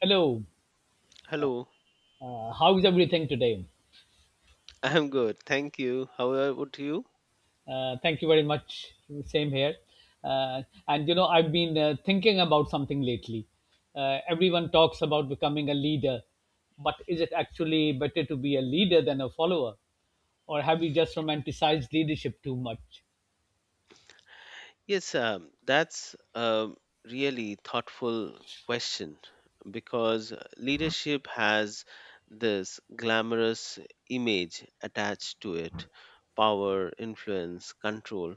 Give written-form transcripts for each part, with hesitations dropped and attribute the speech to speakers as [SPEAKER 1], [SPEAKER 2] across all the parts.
[SPEAKER 1] Hello,
[SPEAKER 2] Hello,
[SPEAKER 1] how is everything today?
[SPEAKER 2] I'm good. Thank you. How about you?
[SPEAKER 1] Thank you very much. Same here. Uh, I've been thinking about something lately. Everyone talks about becoming a leader, but is it actually better to be a leader than a follower? Or have we just romanticized leadership too much?
[SPEAKER 2] Yes, that's a really thoughtful question because leadership has this glamorous image attached to it: power, influence, control.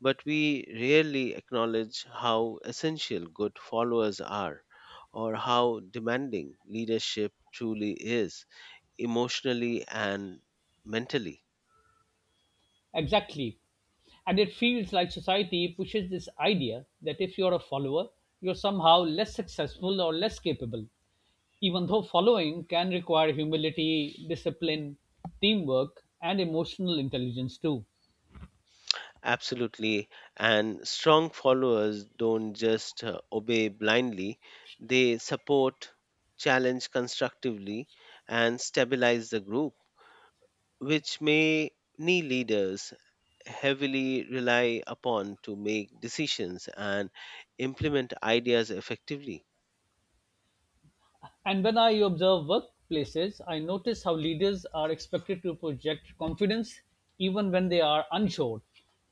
[SPEAKER 2] But we rarely acknowledge how essential good followers are or how demanding leadership truly is emotionally and mentally.
[SPEAKER 1] Exactly. And it feels like society pushes this idea that if you're a follower, you're somehow less successful or less capable. Even though following can require humility, discipline, teamwork, and emotional intelligence too.
[SPEAKER 2] Absolutely. And strong followers don't just obey blindly, they support, challenge constructively, and stabilize the group, which many leaders heavily rely upon to make decisions and implement ideas effectively.
[SPEAKER 1] And when I observe workplaces, I notice how leaders are expected to project confidence even when they are unsure,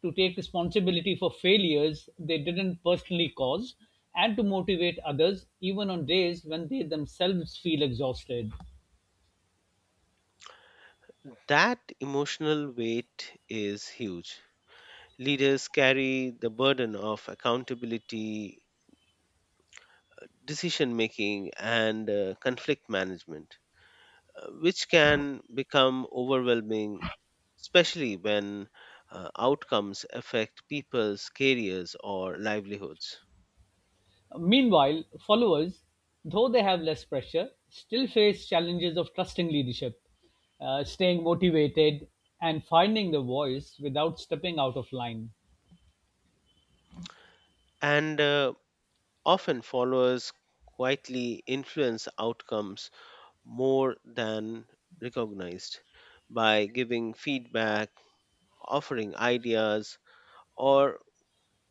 [SPEAKER 1] to take responsibility for failures they didn't personally cause, and to motivate others even on days when they themselves feel exhausted.
[SPEAKER 2] That emotional weight is huge. Leaders carry the burden of accountability, decision making, and conflict management, which can become overwhelming, especially when outcomes affect people's careers or livelihoods.
[SPEAKER 1] Meanwhile, followers, though they have less pressure, still face challenges of trusting leadership, staying motivated, and finding the voice without stepping out of line.
[SPEAKER 2] And Often followers quietly influence outcomes more than recognized by giving feedback, offering ideas, or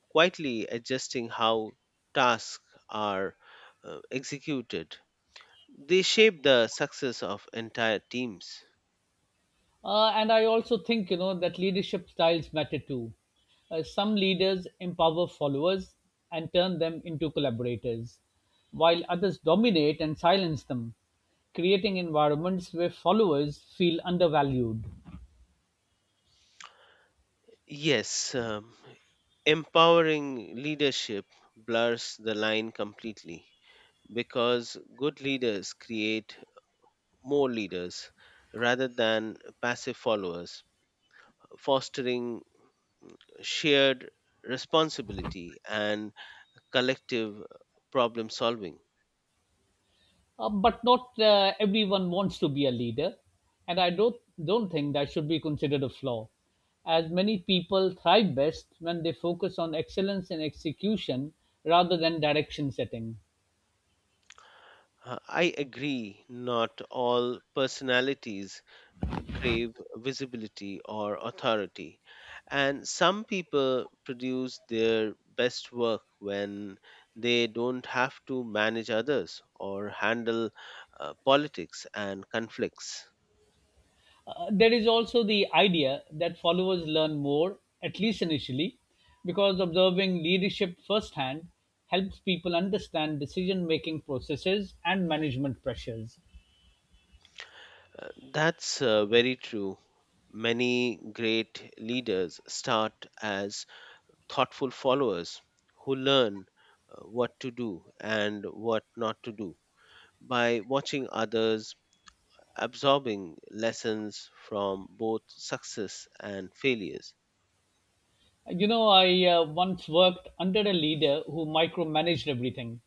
[SPEAKER 2] quietly adjusting how tasks are executed. They shape the success of entire teams.
[SPEAKER 1] And I also think that leadership styles matter too. Some leaders empower followers and turn them into collaborators, while others dominate and silence them, creating environments where followers feel undervalued.
[SPEAKER 2] Yes, empowering leadership blurs the line completely because good leaders create more leaders rather than passive followers, fostering shared responsibility and collective problem solving.
[SPEAKER 1] But not everyone wants to be a leader, and I don't think that should be considered a flaw, as many people thrive best when they focus on excellence in execution rather than direction setting.
[SPEAKER 2] I agree, not all personalities crave visibility or authority. And some people produce their best work when they don't have to manage others or handle politics and conflicts.
[SPEAKER 1] There is also the idea that followers learn more, at least initially, because observing leadership firsthand helps people understand decision making processes and management pressures.
[SPEAKER 2] Uh, That's very true. Many great leaders start as thoughtful followers who learn what to do and what not to do by watching others, absorbing lessons from both success and failures.
[SPEAKER 1] You know, I once worked under a leader who micromanaged everything,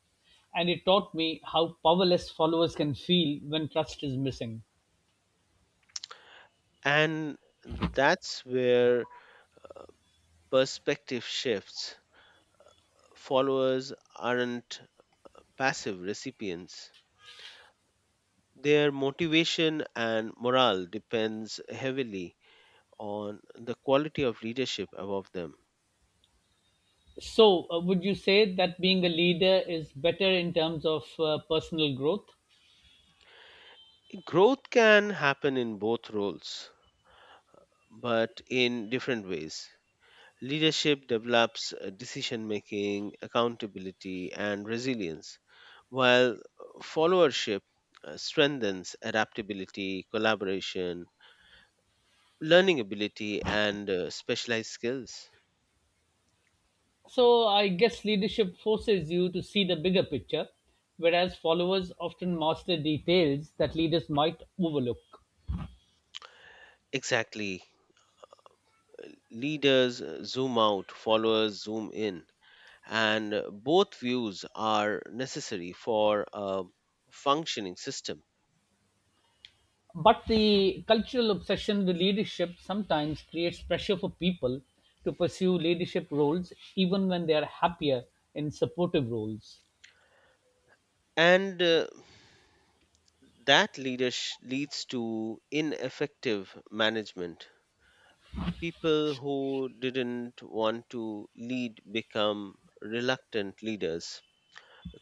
[SPEAKER 1] and it taught me how powerless followers can feel when trust is missing.
[SPEAKER 2] And that's where perspective shifts. Followers aren't passive recipients. Their motivation and morale depends heavily on the quality of leadership above them.
[SPEAKER 1] So, would you say that being a leader is better in terms of personal growth?
[SPEAKER 2] Growth can happen in both roles, but in different ways. Leadership develops decision making, accountability, and resilience, while followership strengthens adaptability, collaboration, learning ability, and specialized skills.
[SPEAKER 1] So, I guess leadership forces you to see the bigger picture, whereas followers often master details that leaders might overlook.
[SPEAKER 2] Exactly. Leaders zoom out, followers zoom in, and both views are necessary for a functioning system.
[SPEAKER 1] But the cultural obsession with leadership sometimes creates pressure for people to pursue leadership roles even when they are happier in supportive roles.
[SPEAKER 2] And That leadership leads to ineffective management. People who didn't want to lead become reluctant leaders,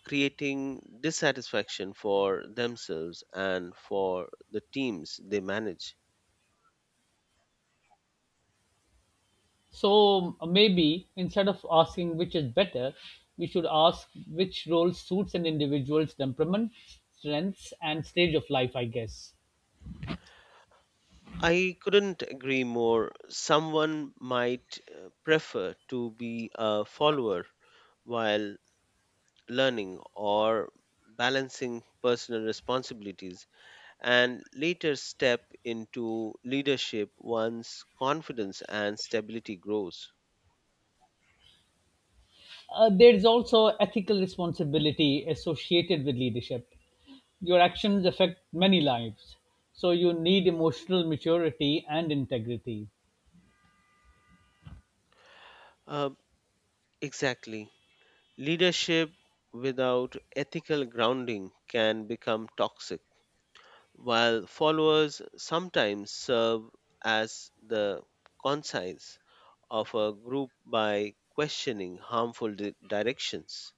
[SPEAKER 2] creating dissatisfaction for themselves and for the teams they manage.
[SPEAKER 1] So maybe instead of asking which is better, we should ask which role suits an individual's temperament, strengths, and stage of life, I guess.
[SPEAKER 2] I couldn't agree more. Someone might prefer to be a follower while learning or balancing personal responsibilities and later step into leadership once confidence and stability grows.
[SPEAKER 1] There's also ethical responsibility associated with leadership. Your actions affect many lives, so you need emotional maturity and integrity.
[SPEAKER 2] Uh, exactly. Leadership without ethical grounding can become toxic, while followers sometimes serve as the conscience of a group by questioning harmful directions.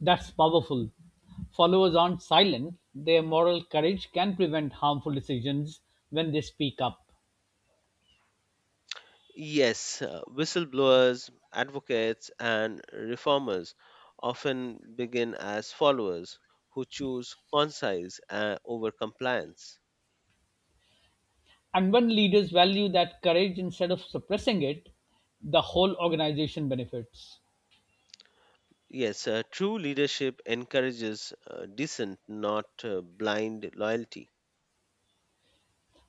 [SPEAKER 1] That's powerful. Followers aren't silent, their moral courage can prevent harmful decisions when they speak up.
[SPEAKER 2] Yes, whistleblowers, advocates, and reformers often begin as followers who choose conscience over compliance.
[SPEAKER 1] And when leaders value that courage instead of suppressing it, the whole organization benefits.
[SPEAKER 2] Yes, true leadership encourages dissent, not blind loyalty.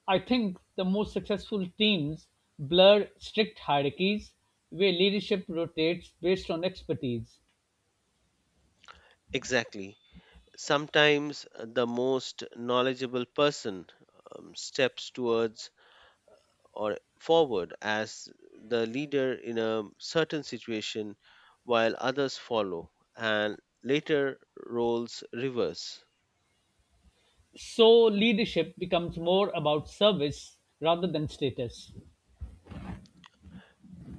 [SPEAKER 1] I think the most successful teams blur strict hierarchies where leadership rotates based on expertise.
[SPEAKER 2] Exactly. Sometimes the most knowledgeable person steps towards or forward as the leader in a certain situation while others follow, and later roles reverse.
[SPEAKER 1] So leadership becomes more about service rather than status.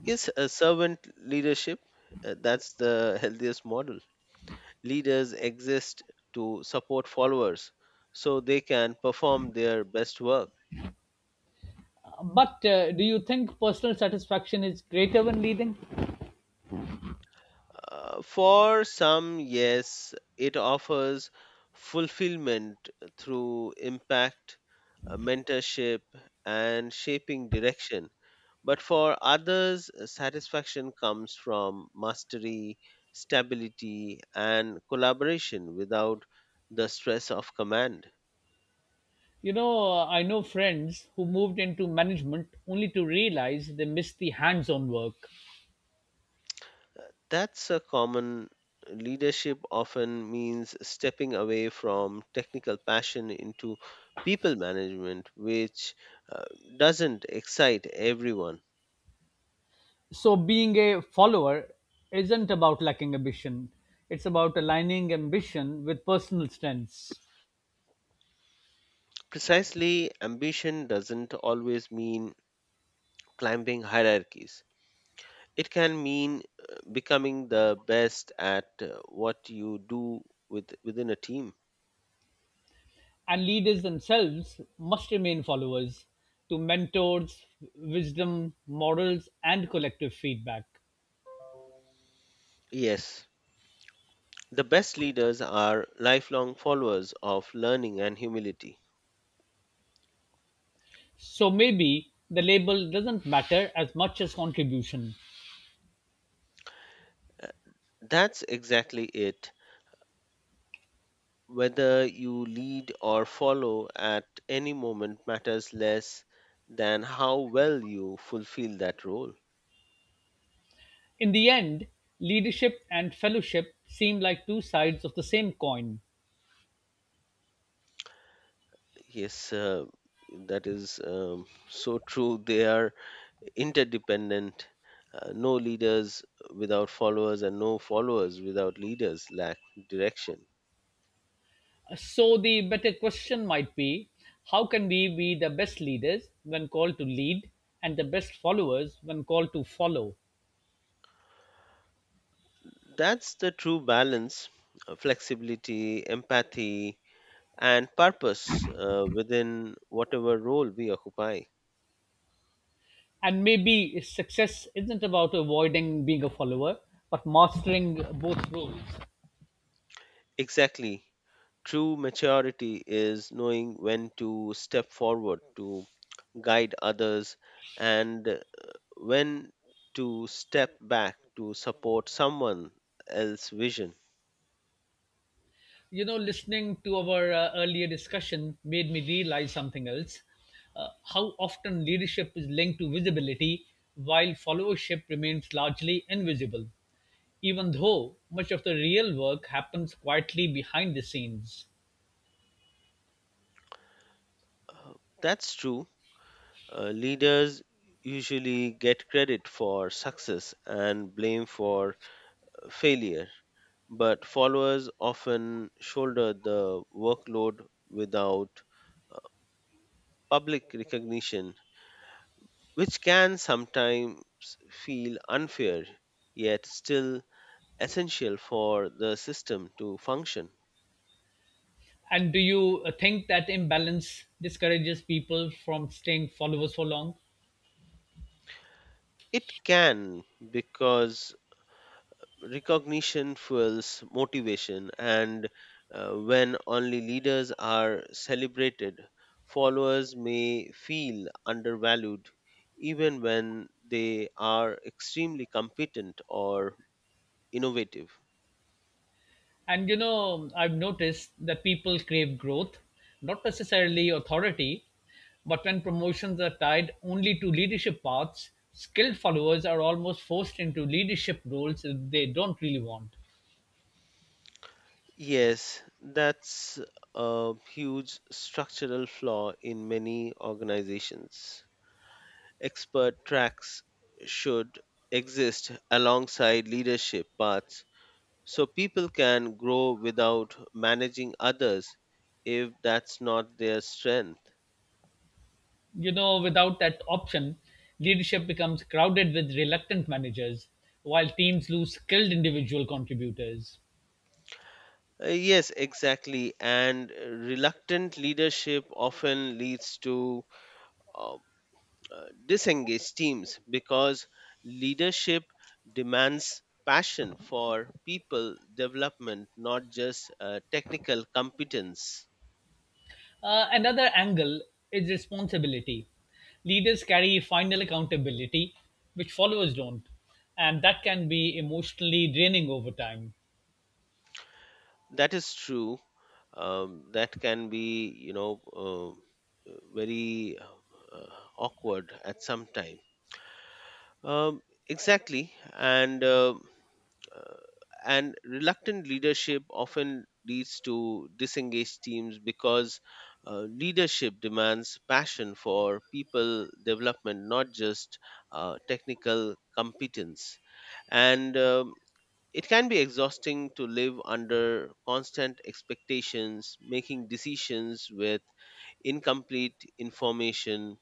[SPEAKER 2] Yes, a servant leadership, that's the healthiest model. Leaders exist to support followers so they can perform their best work.
[SPEAKER 1] But do you think personal satisfaction is greater when leading?
[SPEAKER 2] For some, yes, it offers fulfillment through impact, mentorship, and shaping direction. But for others, satisfaction comes from mastery, stability, and collaboration without the stress of command.
[SPEAKER 1] You know, I know friends who moved into management only to realize they missed the hands on work.
[SPEAKER 2] That's a common leadership often means stepping away from technical passion into people management, which uh, doesn't excite everyone.
[SPEAKER 1] So, being a follower isn't about lacking ambition, it's about aligning ambition with personal strengths.
[SPEAKER 2] Precisely, ambition doesn't always mean climbing hierarchies. It can mean becoming the best at what you do within a team.
[SPEAKER 1] And leaders themselves must remain followers to mentors, wisdom, morals, and collective feedback.
[SPEAKER 2] Yes, the best leaders are lifelong followers of learning and humility.
[SPEAKER 1] So, maybe the label doesn't matter as much as contribution.
[SPEAKER 2] That's exactly it. Whether you lead or follow at any moment matters less than how well you fulfill that role.
[SPEAKER 1] In the end, leadership and fellowship seem like two sides of the same coin.
[SPEAKER 2] Yes, that is so true. They are interdependent. No leaders without followers, and no followers without leaders lack direction.
[SPEAKER 1] So, the better question might be how can we be the best leaders when called to lead and the best followers when called to follow?
[SPEAKER 2] That's the true balance, flexibility, empathy, and purpose, within whatever role we occupy.
[SPEAKER 1] And maybe success isn't about avoiding being a follower, but mastering both roles.
[SPEAKER 2] Exactly. True maturity is knowing when to step forward to guide others and when to step back to support someone else's vision.
[SPEAKER 1] You know, listening to our earlier discussion made me realize something else. How often leadership is linked to visibility while followership remains largely invisible, even though much of the real work happens quietly behind the scenes.
[SPEAKER 2] Uh, That's true. Leaders usually get credit for success and blame for failure, but followers often shoulder the workload without public recognition, which can sometimes feel unfair yet still essential for the system to function.
[SPEAKER 1] And do you think that imbalance discourages people from staying followers for long?
[SPEAKER 2] It can, because recognition fuels motivation, and when only leaders are celebrated, followers may feel undervalued even when they are extremely competent or innovative.
[SPEAKER 1] And you know, I've noticed that people crave growth, not necessarily authority, but when promotions are tied only to leadership paths, skilled followers are almost forced into leadership roles they don't really want.
[SPEAKER 2] Yes, that's a huge structural flaw in many organizations. Expert tracks should exist alongside leadership paths so people can grow without managing others if that's not their strength.
[SPEAKER 1] You know, without that option, leadership becomes crowded with reluctant managers, while teams lose skilled individual contributors.
[SPEAKER 2] Yes, exactly. And reluctant leadership often leads to uh, disengaged teams because leadership demands passion for people development, not just technical competence.
[SPEAKER 1] Another angle is responsibility. Leaders carry final accountability, which followers don't, and that can be emotionally draining over time.
[SPEAKER 2] That is true. That can be, very awkward at some time. Um, exactly, uh, and reluctant leadership often leads to disengaged teams because leadership demands passion for people development, not just technical competence, and it can be exhausting to live under constant expectations, making decisions with incomplete information,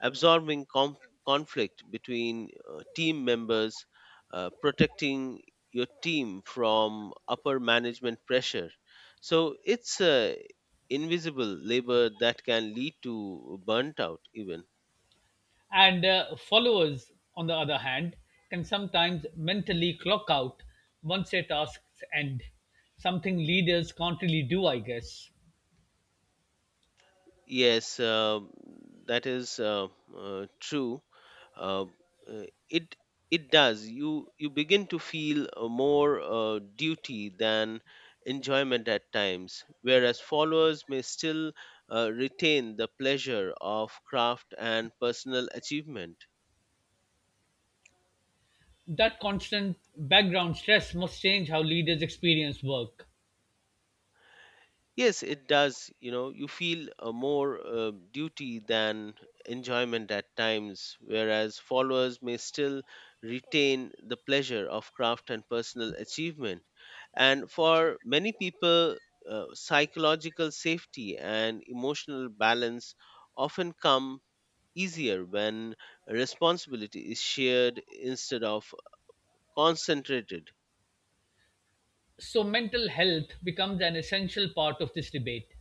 [SPEAKER 2] absorbing conflict between team members, protecting your team from upper management pressure. So it's invisible labor that can lead to burnt out even.
[SPEAKER 1] And followers, on the other hand, can sometimes mentally clock out once their tasks end, something leaders can't really do, I guess.
[SPEAKER 2] Yes, that is true. Uh, uh, it it does. You begin to feel more duty than enjoyment at times, whereas followers may still retain the pleasure of craft and personal achievement.
[SPEAKER 1] That constant background stress must change how leaders experience work.
[SPEAKER 2] Yes, it does. You know, you feel more duty than enjoyment at times, whereas followers may still retain the pleasure of craft and personal achievement. And for many people, psychological safety and emotional balance often come easier when responsibility is shared instead of concentrated.
[SPEAKER 1] So, mental health becomes an essential part of this debate.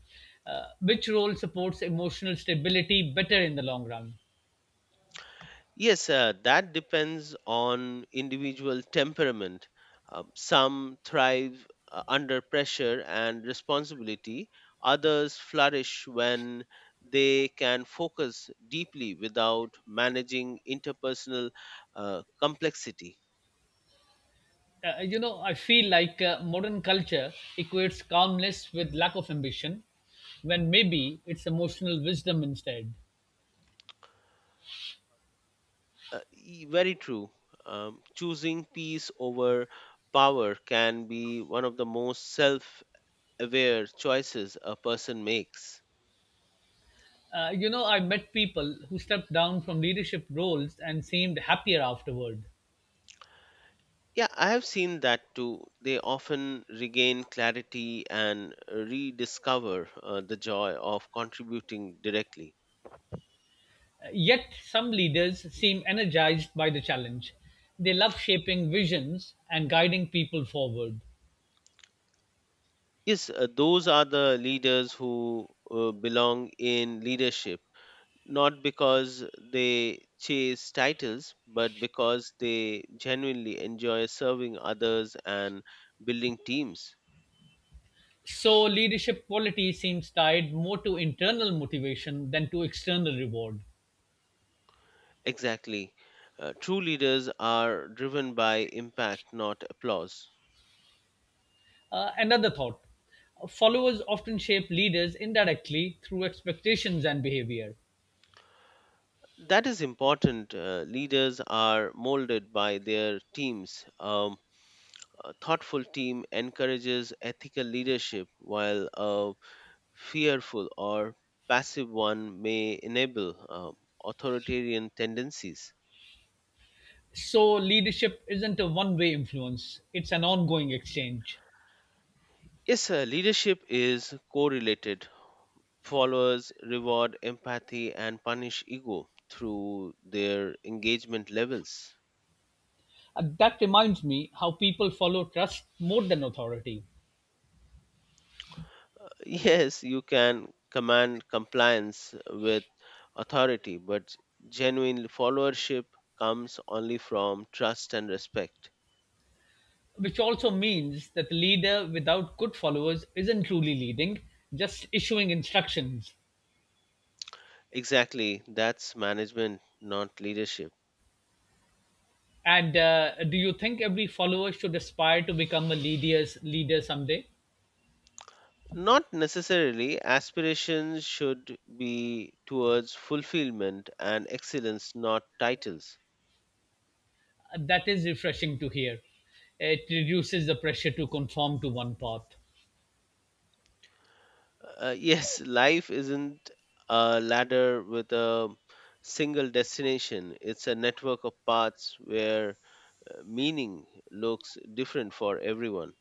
[SPEAKER 1] Which role supports emotional stability better in the long run?
[SPEAKER 2] Yes, that depends on individual temperament. Some thrive under pressure and responsibility, others flourish when they can focus deeply without managing interpersonal complexity.
[SPEAKER 1] I feel like modern culture equates calmness with lack of ambition, when maybe it's emotional wisdom instead.
[SPEAKER 2] Very true. Choosing peace over power can be one of the most self aware choices a person makes.
[SPEAKER 1] You know, I met people who stepped down from leadership roles and seemed happier afterward.
[SPEAKER 2] Yeah, I have seen that too. They often regain clarity and rediscover the joy of contributing directly.
[SPEAKER 1] Yet, some leaders seem energized by the challenge. They love shaping visions and guiding people forward.
[SPEAKER 2] Yes, those are the leaders who belong in leadership, not because they chase titles, but because they genuinely enjoy serving others and building teams.
[SPEAKER 1] So, leadership quality seems tied more to internal motivation than to external reward.
[SPEAKER 2] Exactly. True leaders are driven by impact, not applause.
[SPEAKER 1] Another thought, followers often shape leaders indirectly through expectations and behavior.
[SPEAKER 2] That is important. Leaders are molded by their teams. A thoughtful team encourages ethical leadership, while a fearful or passive one may enable authoritarian tendencies.
[SPEAKER 1] So, leadership isn't a one way influence, it's an ongoing exchange.
[SPEAKER 2] Yes, leadership is correlated. Followers reward empathy and punish ego through their engagement levels.
[SPEAKER 1] That reminds me how people follow trust more than authority,
[SPEAKER 2] Yes, you can command compliance with authority, but genuine followership comes only from trust and respect.
[SPEAKER 1] which also means that a leader without good followers isn't truly leading, just issuing instructions.
[SPEAKER 2] Exactly, that's management, not leadership.
[SPEAKER 1] And do you think every follower should aspire to become a leader someday?
[SPEAKER 2] Not necessarily, aspirations should be towards fulfillment and excellence, not titles.
[SPEAKER 1] That is refreshing to hear. It reduces the pressure to conform to one path.
[SPEAKER 2] Yes, life isn't a ladder with a single destination, it's a network of paths where meaning looks different for everyone.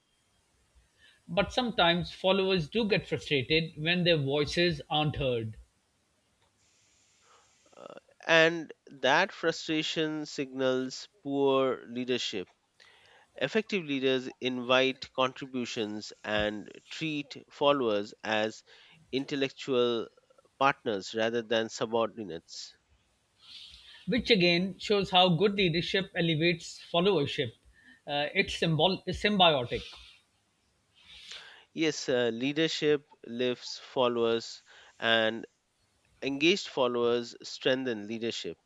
[SPEAKER 1] But sometimes followers do get frustrated when their voices aren't heard,
[SPEAKER 2] Uh, and that frustration signals poor leadership. Effective leaders invite contributions and treat followers as intellectual partners rather than subordinates.
[SPEAKER 1] which again shows how good leadership elevates followership. It's symbiotic.
[SPEAKER 2] Yes, leadership lifts followers, and engaged followers strengthen leadership.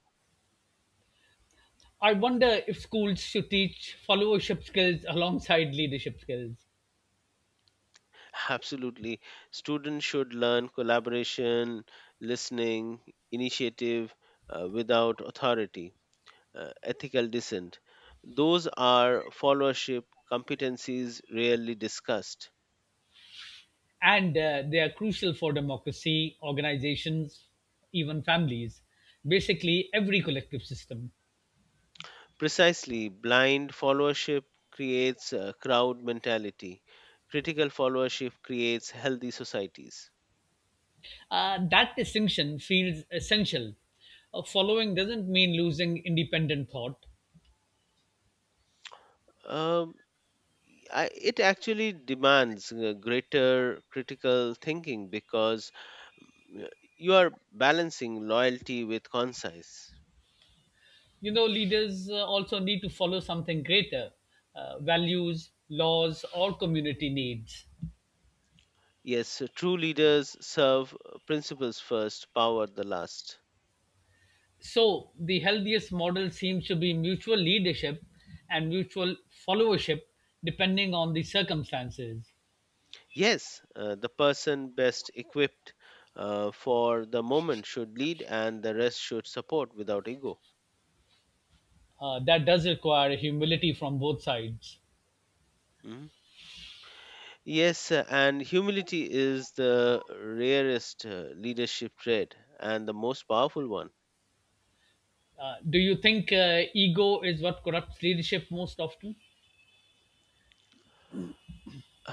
[SPEAKER 1] I wonder if schools should teach followership skills alongside leadership skills.
[SPEAKER 2] Absolutely. Students should learn collaboration, listening, initiative without authority, ethical dissent. Those are followership competencies rarely discussed.
[SPEAKER 1] And they are crucial for democracy, organizations, even families, basically every collective system.
[SPEAKER 2] Precisely, blind followership creates a crowd mentality. Critical followership creates healthy societies.
[SPEAKER 1] That distinction feels essential. Following doesn't mean losing independent thought.
[SPEAKER 2] Um, it actually demands greater critical thinking because you are balancing loyalty with concise.
[SPEAKER 1] You know, leaders also need to follow something greater, values, laws, or community needs.
[SPEAKER 2] Yes, true leaders serve principles first, power the last.
[SPEAKER 1] So, the healthiest model seems to be mutual leadership and mutual followership depending on the circumstances.
[SPEAKER 2] Yes, the person best equipped for the moment should lead and the rest should support without ego.
[SPEAKER 1] That does require humility from both sides.
[SPEAKER 2] Mhm. Yes, and humility is the rarest leadership trait and the most powerful one.
[SPEAKER 1] Do you think ego is what corrupts leadership most often?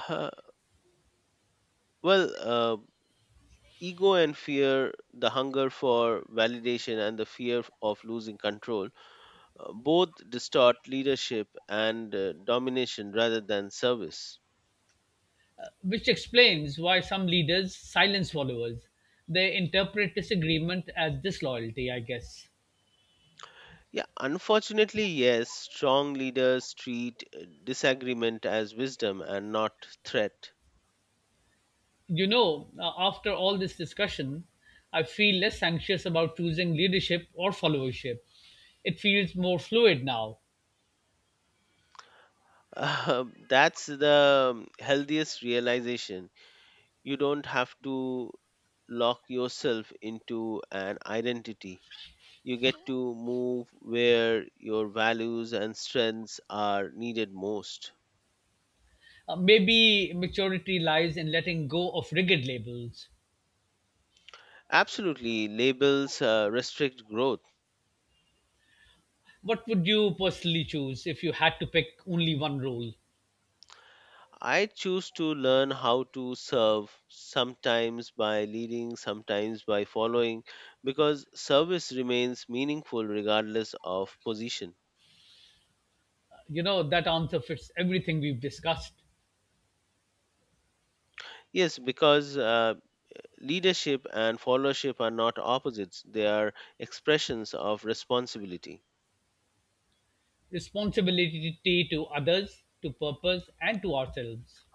[SPEAKER 2] Uh, well, ego and fear, the hunger for validation and the fear of losing control, both distort leadership and domination rather than service.
[SPEAKER 1] Which explains why some leaders silence followers. They interpret disagreement as disloyalty, I guess.
[SPEAKER 2] Yeah, unfortunately, yes, strong leaders treat disagreement as wisdom and not threat.
[SPEAKER 1] You know, after all this discussion, I feel less anxious about choosing leadership or followership. It feels more fluid now.
[SPEAKER 2] That's the healthiest realization. You don't have to lock yourself into an identity. You get to move where your values and strengths are needed most.
[SPEAKER 1] Maybe maturity lies in letting go of rigid labels.
[SPEAKER 2] Absolutely, labels restrict growth.
[SPEAKER 1] What would you personally choose if you had to pick only one role?
[SPEAKER 2] I choose to learn how to serve, sometimes by leading, sometimes by following, because service remains meaningful regardless of position.
[SPEAKER 1] You know, that answer fits everything we've discussed,
[SPEAKER 2] Yes, because leadership and followership are not opposites, they are expressions of responsibility.
[SPEAKER 1] responsibility to others, to purpose, and to ourselves.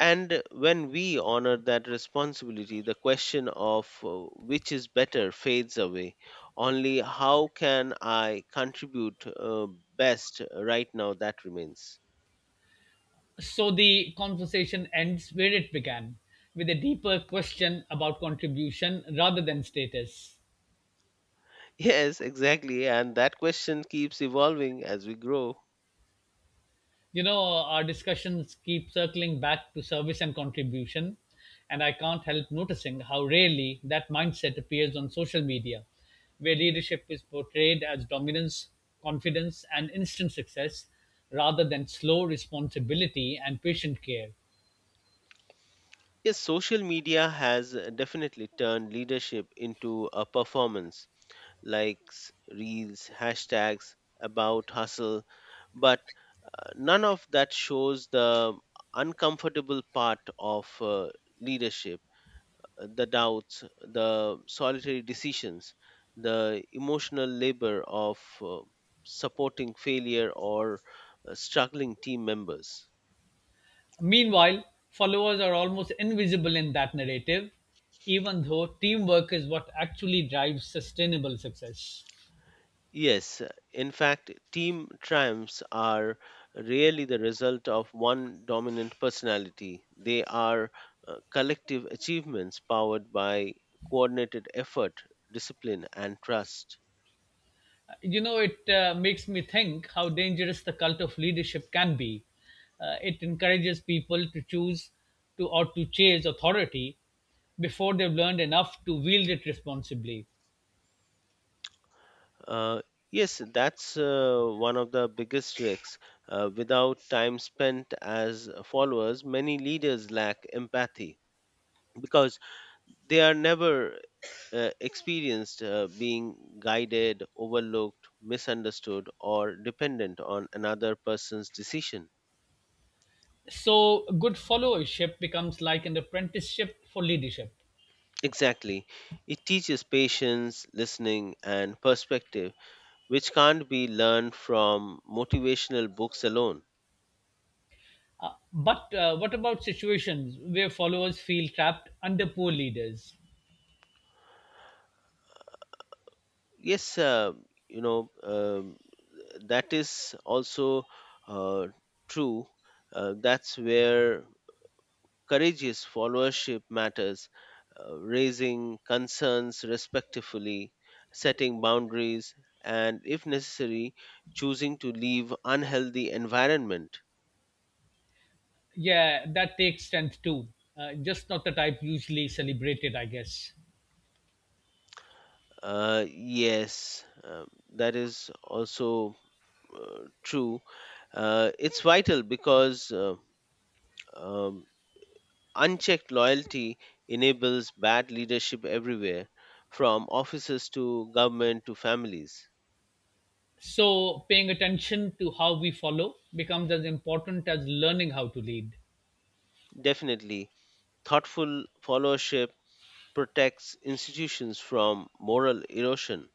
[SPEAKER 2] And when we honor that responsibility, the question of which is better fades away. Only how can I contribute best right now that remains.
[SPEAKER 1] So the conversation ends where it began, with a deeper question about contribution rather than status.
[SPEAKER 2] Yes, exactly. And that question keeps evolving as we grow.
[SPEAKER 1] You know, our discussions keep circling back to service and contribution, and I can't help noticing how rarely that mindset appears on social media, where leadership is portrayed as dominance, confidence, and instant success rather than slow responsibility and patient care.
[SPEAKER 2] Yes, social media has definitely turned leadership into a performance: likes, reels, hashtags about hustle, but none of that shows the uncomfortable part of leadership, the doubts, the solitary decisions, the emotional labor of supporting failure or struggling team members.
[SPEAKER 1] Meanwhile, followers are almost invisible in that narrative, even though teamwork is what actually drives sustainable success.
[SPEAKER 2] Yes, in fact, team triumphs are rarely the result of one dominant personality. They are collective achievements powered by coordinated effort, discipline, and trust.
[SPEAKER 1] You know, it makes me think how dangerous the cult of leadership can be. It encourages people to choose to or to chase authority before they've learned enough to wield it responsibly.
[SPEAKER 2] Uh, yes, that's one of the biggest risks. Without time spent as followers, many leaders lack empathy because they are never experienced being guided, overlooked, misunderstood, or dependent on another person's decision.
[SPEAKER 1] So, good followership becomes like an apprenticeship for leadership.
[SPEAKER 2] Exactly. It teaches patience, listening, and perspective, which can't be learned from motivational books alone.
[SPEAKER 1] But what about situations where followers feel trapped under poor leaders?
[SPEAKER 2] Yes, you know, um, that is also uh, true. That's where courageous followership matters, raising concerns respectfully, setting boundaries, and if necessary, choosing to leave unhealthy environment.
[SPEAKER 1] Yeah, that takes strength too. Just not the type usually celebrated, I guess.
[SPEAKER 2] Yes, that is also true. It's vital because um, unchecked loyalty enables bad leadership everywhere, from offices to government to families.
[SPEAKER 1] So, paying attention to how we follow becomes as important as learning how to lead.
[SPEAKER 2] Definitely, thoughtful followership protects institutions from moral erosion.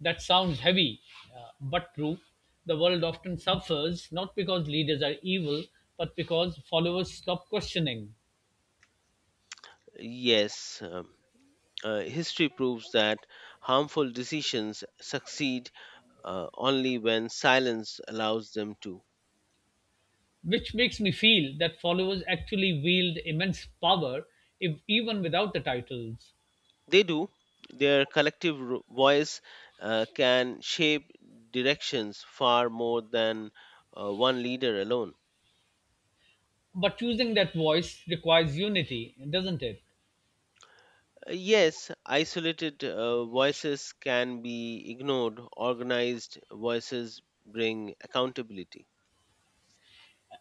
[SPEAKER 1] That sounds heavy, but true. The world often suffers not because leaders are evil, but because followers stop questioning,
[SPEAKER 2] Yes, history proves that harmful decisions succeed only when silence allows them to.
[SPEAKER 1] which makes me feel that followers actually wield immense power, if, even without the titles.
[SPEAKER 2] They do. Their collective voice can shape directions far more than one leader alone.
[SPEAKER 1] But choosing that voice requires unity, doesn't it?
[SPEAKER 2] Yes, isolated voices can be ignored. Organized voices bring accountability.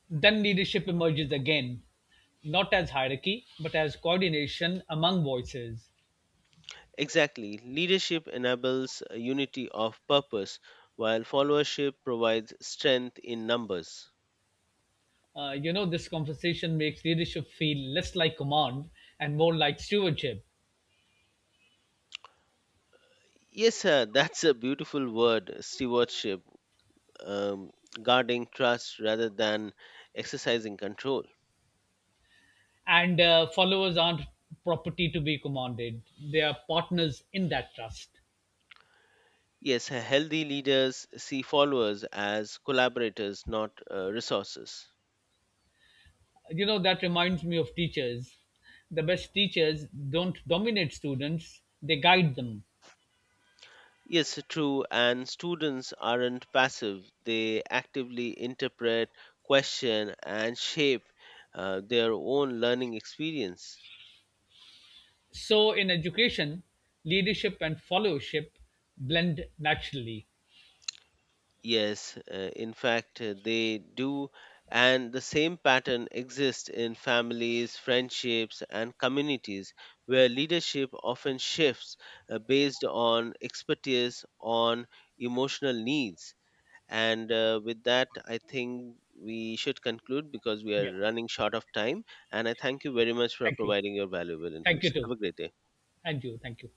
[SPEAKER 1] Then leadership emerges again, not as hierarchy, but as coordination among voices.
[SPEAKER 2] Exactly. Leadership enables a unity of purpose, while followership provides strength in numbers.
[SPEAKER 1] You know, this conversation makes leadership feel less like command and more like stewardship.
[SPEAKER 2] Yes, sir, that's a beautiful word, stewardship, um, guarding trust rather than exercising control.
[SPEAKER 1] And followers aren't property to be commanded, they are partners in that trust.
[SPEAKER 2] Yes, healthy leaders see followers as collaborators, not resources.
[SPEAKER 1] You know, that reminds me of teachers. The best teachers don't dominate students, they guide them.
[SPEAKER 2] Yes, true. And students aren't passive, they actively interpret, question, and shape their own learning experience.
[SPEAKER 1] So, in education, leadership and followership blend naturally.
[SPEAKER 2] Yes, in fact, they do. And the same pattern exists in families, friendships, and communities where leadership often shifts based on expertise, on emotional needs. And with that, I think we should conclude because we are
[SPEAKER 1] Yeah.
[SPEAKER 2] running short of time. And I thank you very much for
[SPEAKER 1] Thank you.
[SPEAKER 2] providing your valuable
[SPEAKER 1] Thank
[SPEAKER 2] inputs.
[SPEAKER 1] you,
[SPEAKER 2] Have
[SPEAKER 1] too.
[SPEAKER 2] a great day.
[SPEAKER 1] And you. Thank you.